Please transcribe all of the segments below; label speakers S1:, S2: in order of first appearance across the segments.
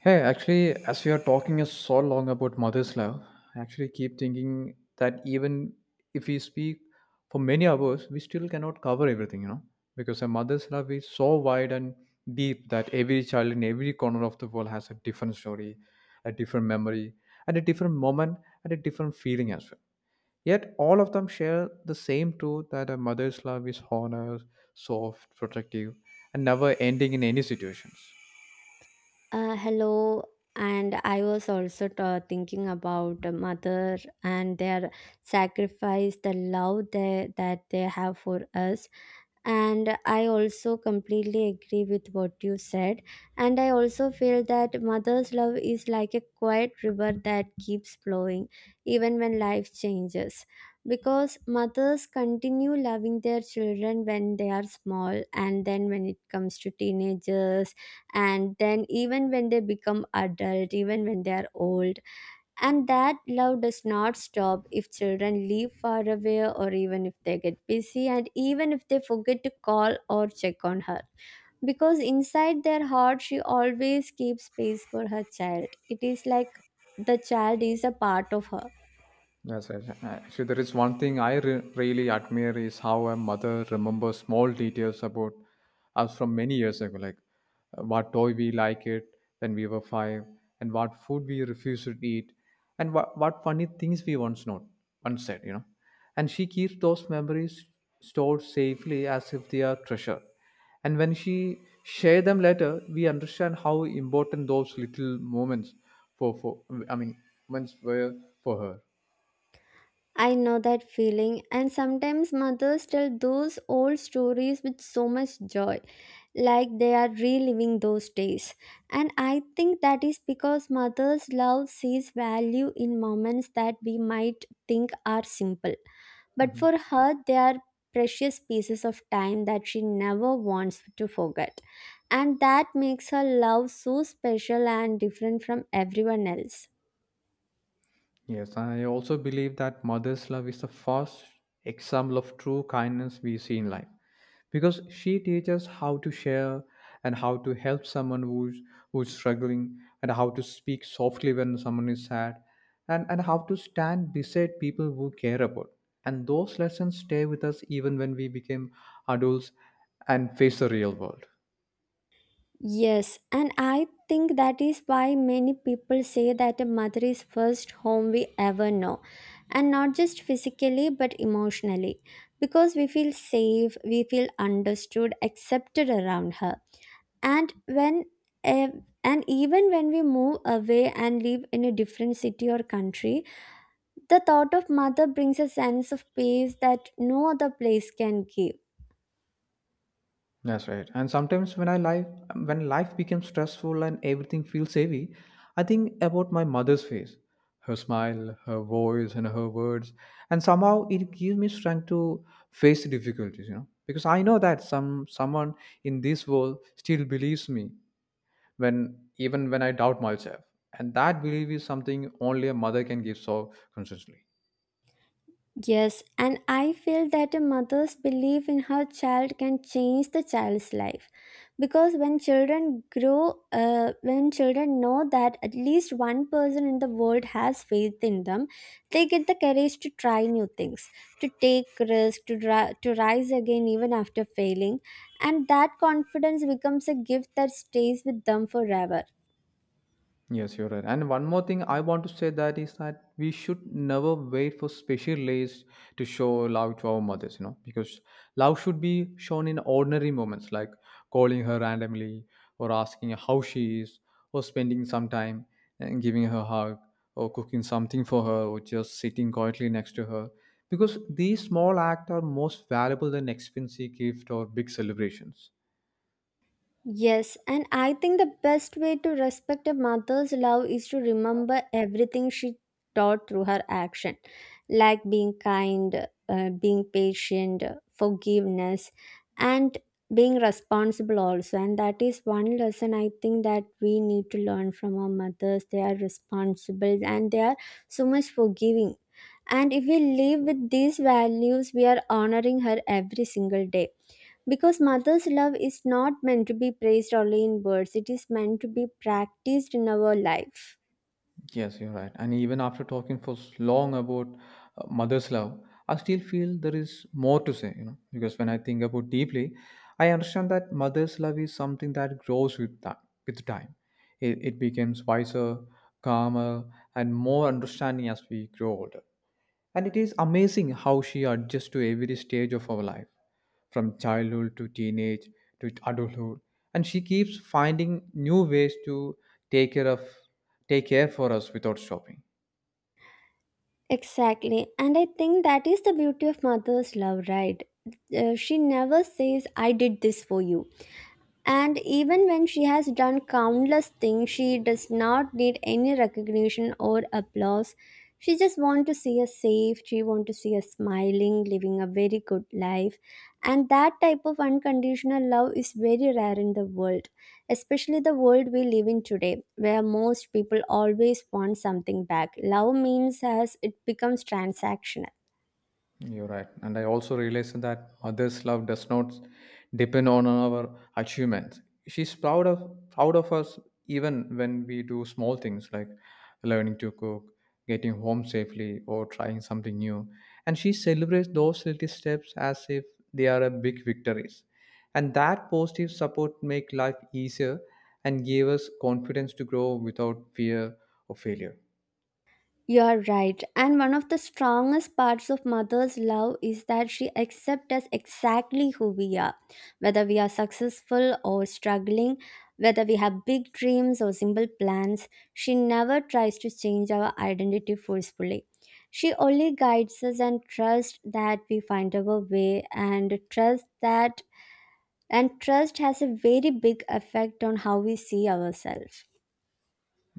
S1: Hey, actually, as we are talking so long about mother's love, I actually keep thinking that even if we speak for many hours, we still cannot cover everything, because a mother's love is so wide and deep that every child in every corner of the world has a different story, a different memory, and a different moment, and a different feeling as well. Yet all of them share the same truth that a mother's love is honest, soft, protective, and never ending in any situations.
S2: Hello, and I was also thinking about the mother and their sacrifice, the love that they have for us, and I also completely agree with what you said. And I also feel that mother's love is like a quiet river that keeps flowing even when life changes, because mothers continue loving their children when they are small, and then when it comes to teenagers, and then even when they become adult, even when they are old. And that love does not stop if children live far away, or even if they get busy, and even if they forget to call or check on her. Because inside their heart, she always keeps space for her child. It is like the child is a part of her.
S1: Yes, yes. Actually, there is one thing I really admire is how a mother remembers small details about us from many years ago, like what toy we liked when we were five, and what food we refused to eat, and what funny things we once not once said. And she keeps those memories stored safely as if they are treasure. And when she share them later, we understand how important those little moments for I mean moments were for her.
S2: I know that feeling, and sometimes mothers tell those old stories with so much joy, like they are reliving those days. And I think that is because mothers' love sees value in moments that we might think are simple. But
S1: Mhm.
S2: for her, they are precious pieces of time that she never wants to forget. And that makes her love so special and different from everyone else.
S1: Yes, I also believe that mother's love is the first example of true kindness we see in life because she teaches how to share and how to help someone who's struggling and how to speak softly when someone is sad and how to stand beside people who care about. And those lessons stay with us even when we became adults and face the real world.
S2: Yes, and I think that is why many people say that a mother is first home we ever know. And not just physically but emotionally. Because we feel safe, we feel understood, accepted around her. And eh, and even when we move away and live in a different city or country, the thought of mother brings a sense of peace that no other place can give.
S1: That's right. And sometimes when life becomes stressful and everything feels heavy, I think about my mother's face, her smile, her voice, and her words, and somehow it gives me strength to face the difficulties. You know, because I know that someone in this world still believes me when even when I doubt myself, and that belief is something only a mother can give so consistently.
S2: Yes, and I feel that a mother's belief in her child can change the child's life, because when children grow, when children know that at least one person in the world has faith in them, they get the courage to try new things, to take risks, to rise again even after failing, and that confidence becomes a gift that stays with them forever.
S1: Yes, you're right. And one more thing I want to say that is that we should never wait for special days to show love to our mothers, you know, because love should be shown in ordinary moments like calling her randomly or asking how she is or spending some time and giving her a hug or cooking something for her or just sitting quietly next to her. Because these small acts are most valuable than expensive gift or big celebrations.
S2: Yes, and I think the best way to respect a mother's love is to remember everything she taught through her action, like being kind, being patient, forgiveness, and being responsible also. And that is one lesson I think that we need to learn from our mothers. They are responsible and they are so much forgiving. And if we live with these values, we are honoring her every single day. Because mother's love is not meant to be praised only in words, it is meant to be practiced in our life.
S1: Yes, you're right. And even after talking for long about mother's love, I still feel there is more to say, you know, because when I think about deeply, I understand that mother's love is something that grows with time. With time. It becomes wiser, calmer, and more understanding as we grow older. And it is amazing how she adjusts to every stage of our life, from childhood to teenage to adulthood. And she keeps finding new ways to take care of take care for us without stopping.
S2: Exactly. And I think that is the beauty of mother's love, right? She never says, I did this for you. And even when she has done countless things, she does not need any recognition or applause. She just wants to see us safe. She wants to see us smiling, living a very good life. And that type of unconditional love is very rare in the world, especially the world we live in today, where most people always want something back. Love means as it becomes transactional.
S1: You're right. And I also realized that mother's love does not depend on our achievements. She's proud of us even when we do small things like learning to cook, getting home safely, or trying something new. And she celebrates those little steps as if they are a big victories. And that positive support make life easier and gave us confidence to grow without fear of failure.
S2: You are right. And one of the strongest parts of mother's love is that she accepts us exactly who we are, whether we are successful or struggling, whether we have big dreams or simple plans. She never tries to change our identity forcefully. She only guides us and trusts that we find our way, and trust that and trust has a very big effect on how we see ourselves.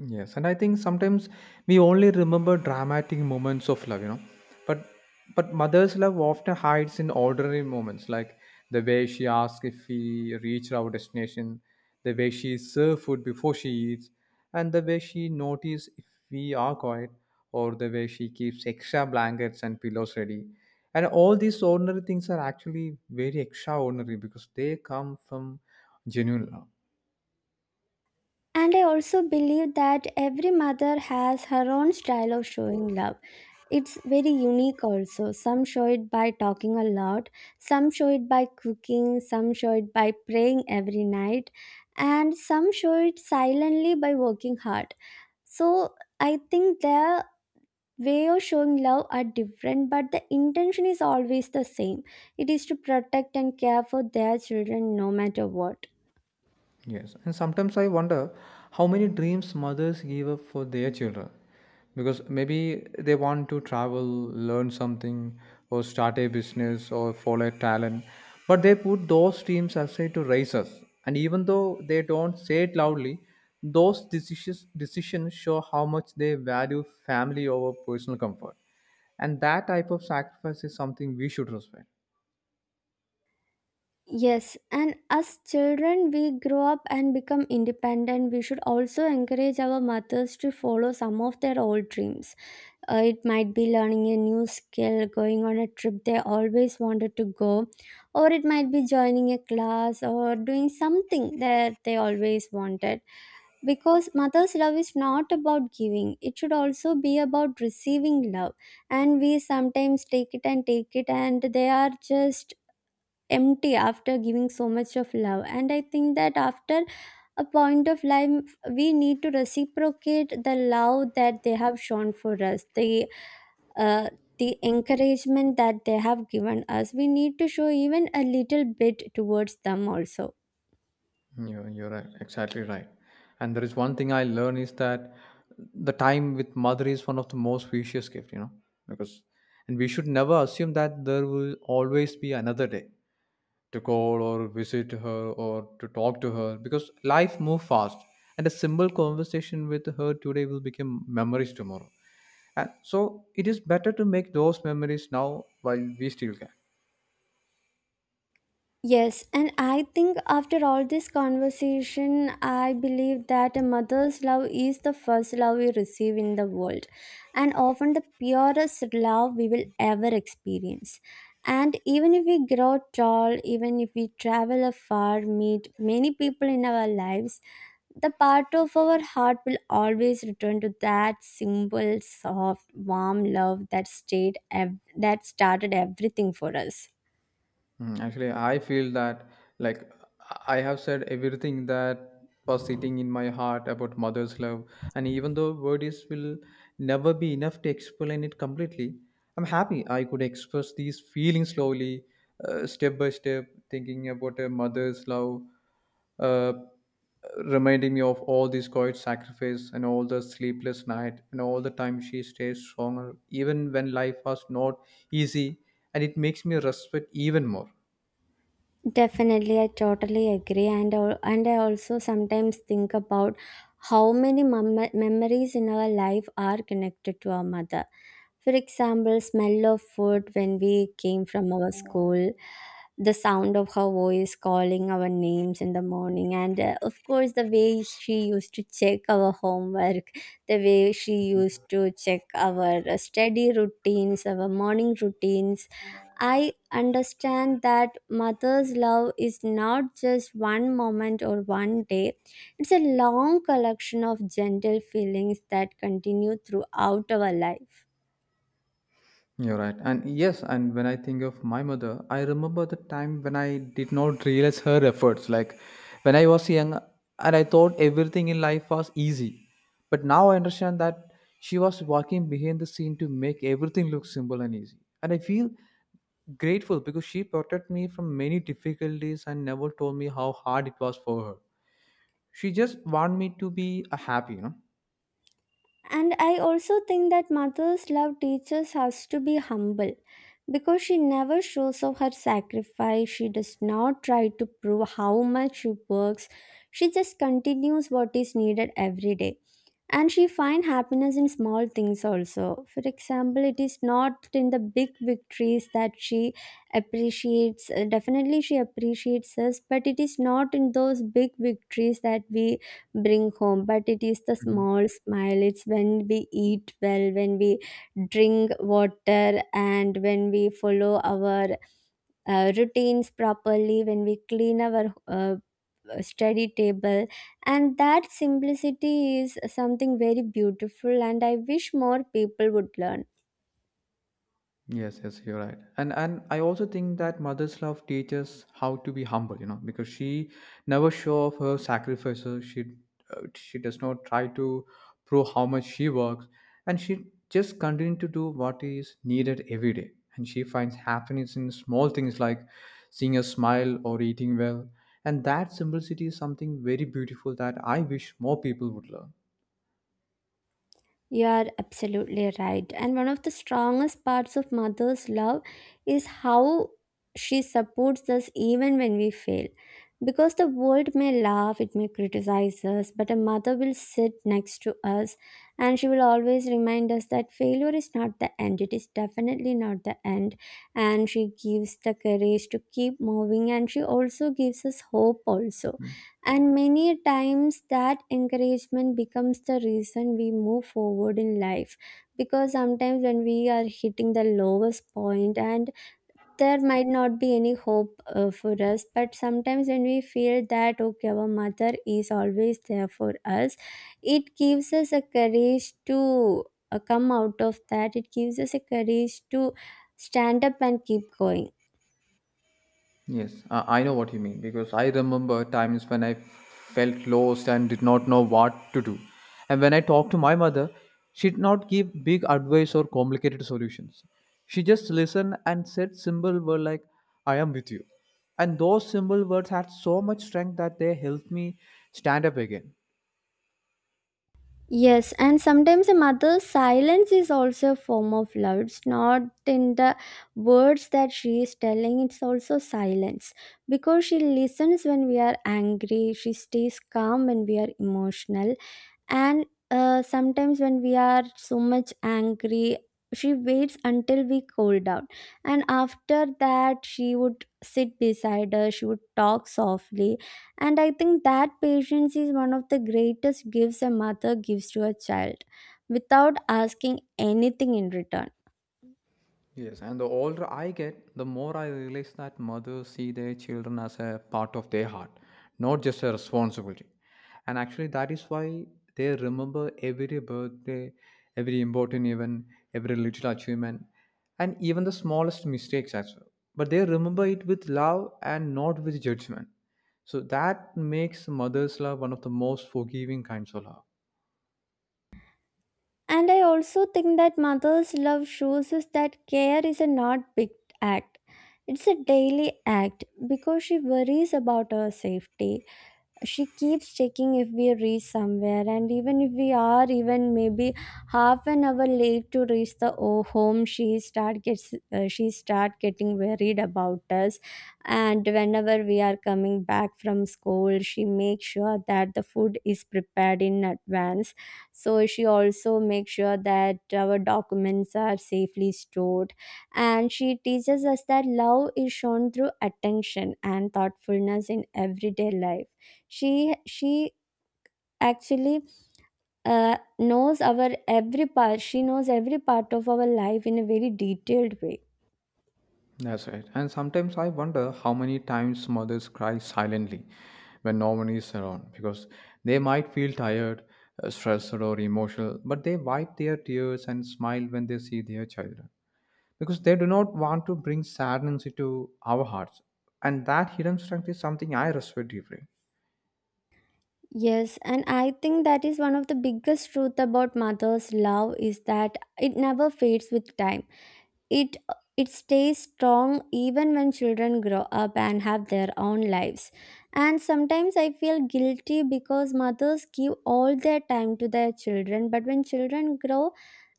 S1: Yes, and I think sometimes we only remember dramatic moments of love, you know. But but mother's love often hides in ordinary moments, like the way she asks if we reach our destination, the way she serves food before she eats, and the way she notices if we are quiet, or the way she keeps extra blankets and pillows ready. And all these ordinary things are actually very extraordinary because they come from genuine love.
S2: And I also believe that every mother has her own style of showing love. It's very unique also. Some show it by talking a lot, some show it by cooking, some show it by praying every night, and some show it silently by working hard. So I think their way of showing love are different, but the intention is always the same. It is to protect and care for their children no matter what.
S1: Yes, and sometimes I wonder how many dreams mothers give up for their children because maybe they want to travel, learn something, or start a business or follow a talent, but they put those dreams aside to raise us. And even though they don't say it loudly, those decisions show how much they value family over personal comfort, and that type of sacrifice is something we should respect.
S2: Yes, and as children, we grow up and become independent. We should also encourage our mothers to follow some of their old dreams. It might be learning a new skill, going on a trip they always wanted to go, or it might be joining a class or doing something that they always wanted. Because mother's love is not about giving, it should also be about receiving love. And we sometimes take it, and they are just empty after giving so much of love. And I think that after a point of life, we need to reciprocate the love that they have shown for us, uh, the encouragement that they have given us. We need to show even a little bit towards them also.
S1: You're right. Exactly right. And there is one thing I learned is that the time with mother is one of the most precious gift, you know, because and we should never assume that there will always be another day to call or visit her or to talk to her because life moves fast and a simple conversation with her today will become memories tomorrow. And so it is better to make those memories now while we still can.
S2: Yes, and I think after all this conversation, I believe that a mother's love is the first love we receive in the world, and often the purest love we will ever experience. And even if we grow tall, even if we travel afar, meet many people in our lives, the part of our heart will always return to that simple, soft, warm love that that started everything for us.
S1: Mm, actually, I feel that like I have said everything that was sitting in my heart about mother's love, and even though words will never be enough to explain it completely, I'm happy I could express these feelings slowly, step by step, thinking about a mother's love uh, reminding me of all this quiet sacrifice and all the sleepless night and all the time she stays stronger even when life was not easy, and it makes me respect even more.
S2: Definitely, I totally agree, and and I also sometimes think about how many memories in our life are connected to our mother. For example, smell of food when we came from our school, the sound of her voice calling our names in the morning, and of course, the way she used to check our homework, the way she used to check our study routines, our morning routines. I understand that mother's love is not just one moment or one day. It's a long collection of gentle feelings that continue throughout our life.
S1: You're right. And yes, and when I think of my mother, I remember the time when I did not realize her efforts. Like when I was young and I thought everything in life was easy. But now I understand that she was working behind the scene to make everything look simple and easy. And I feel grateful because she protected me from many difficulties and never told me how hard it was for her. She just wanted me to be happy, you know.
S2: And I also think that mother's love teaches us to be humble, because she never shows off her sacrifice. She does not try to prove how much she works. She just continues what is needed every day, and she find happiness in small things also. For example, it is not in the big victories that she appreciates. Definitely she appreciates us, but it is not in those big victories that we bring home, but it is the
S1: Mhm.
S2: small smile. It's when we eat well, when we drink water, and when we follow our routines properly, when we clean our study table. And that simplicity is something very beautiful, and I wish more people would learn.
S1: Yes, yes, you're right. And I also think that mother's love teaches how to be humble, you know, because she never show off her sacrifices. She does not try to prove how much she works, and she just continue to do what is needed every day. And she finds happiness in small things like seeing a smile or eating well. And that simplicity is something very beautiful that I wish more people would learn.
S2: You are absolutely right. And one of the strongest parts of mother's love is how she supports us even when we fail. Because the world may laugh, it may criticize us, but a mother will sit next to us, and she will always remind us that failure is not the end. It is definitely not the end. And she gives the courage to keep moving, and she also gives us hope, also.
S1: Mm-hmm.
S2: And many times that encouragement becomes the reason we move forward in life. Because sometimes when we are hitting the lowest point, and there might not be any hope for us, but sometimes when we feel that, okay, our mother is always there for us, it gives us a courage to come out of that. It gives us a courage to stand up and keep going.
S1: Yes, I know what you mean because I remember times when I felt lost and did not know what to do. And when I talked to my mother, she did not give big advice or complicated solutions. She just listened and said simple words like, I am with you. And those simple words had so much strength that they helped me stand up again.
S2: Yes, and sometimes a mother's silence is also a form of love. It's not in the words that she is telling, it's also silence. Because she listens when we are angry, she stays calm when we are emotional, and sometimes when we are so much angry, she waits until we cool down, and after that she would sit beside us, she would talk softly. And I think that patience is one of the greatest gifts a mother gives to a child without asking anything in return.
S1: Yes, and the older I get, the more I realize that mothers see their children as a part of their heart, not just a responsibility. And actually, that is why they remember every birthday, every important event, every little achievement, and even the smallest mistakes as well. But they remember it with love and not with judgment. So that makes mother's love one of the most forgiving kinds of love.
S2: And I also think that mother's love shows us that care is a not big act, it's a daily act. Because she worries about our safety, she keeps checking if we reach somewhere, and even if we are even maybe half an hour late to reach the home, she start getting worried about us. And whenever we are coming back from school, she makes sure that the food is prepared in advance. So she also makes sure that our documents are safely stored, and she teaches us that love is shown through attention and thoughtfulness in everyday life. She she actually uh, knows our every part, she knows every part of our life in a very detailed way.
S1: That's right. And sometimes I wonder how many times mothers cry silently when no one is around because they might feel tired, stressed, or emotional, but they wipe their tears and smile when they see their children because they do not want to bring sadness into our hearts. And that hidden strength is something I respect deeply.
S2: Yes, and I think that is one of the biggest truth about mother's love, is that it never fades with time. It it stays strong even when children grow up and have their own lives. And sometimes I feel guilty because mothers give all their time to their children, but when children grow,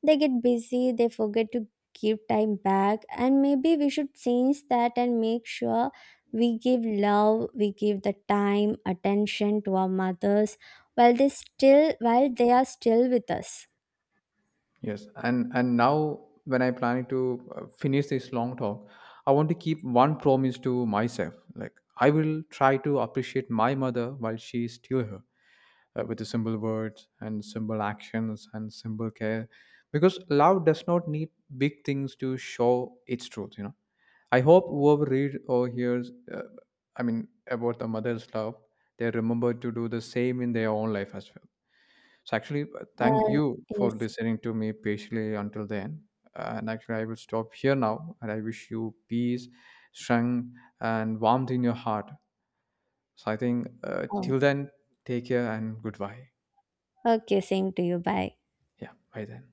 S2: they get busy, they forget to give time back. And maybe we should change that and make sure we give love, we give the time, attention to our mothers while they are still with us.
S1: Yes, and now when I planning to finish this long talk, I want to keep one promise to myself. Like I will try to appreciate my mother while she is still here, with the simple words and simple actions and simple care because love does not need big things to show its truth, you know. I hope whoever reads or hears about the mother's love, they remember to do the same in their own life as well. So actually, thank
S2: Uh,
S1: you for
S2: yes.
S1: listening to me patiently until then. And actually I will stop here now, and I wish you peace, strength, and warmth in your heart. So I think,
S2: Oh,
S1: till then, take care and goodbye.
S2: okay, same to you. Bye.
S1: Yeah, bye then.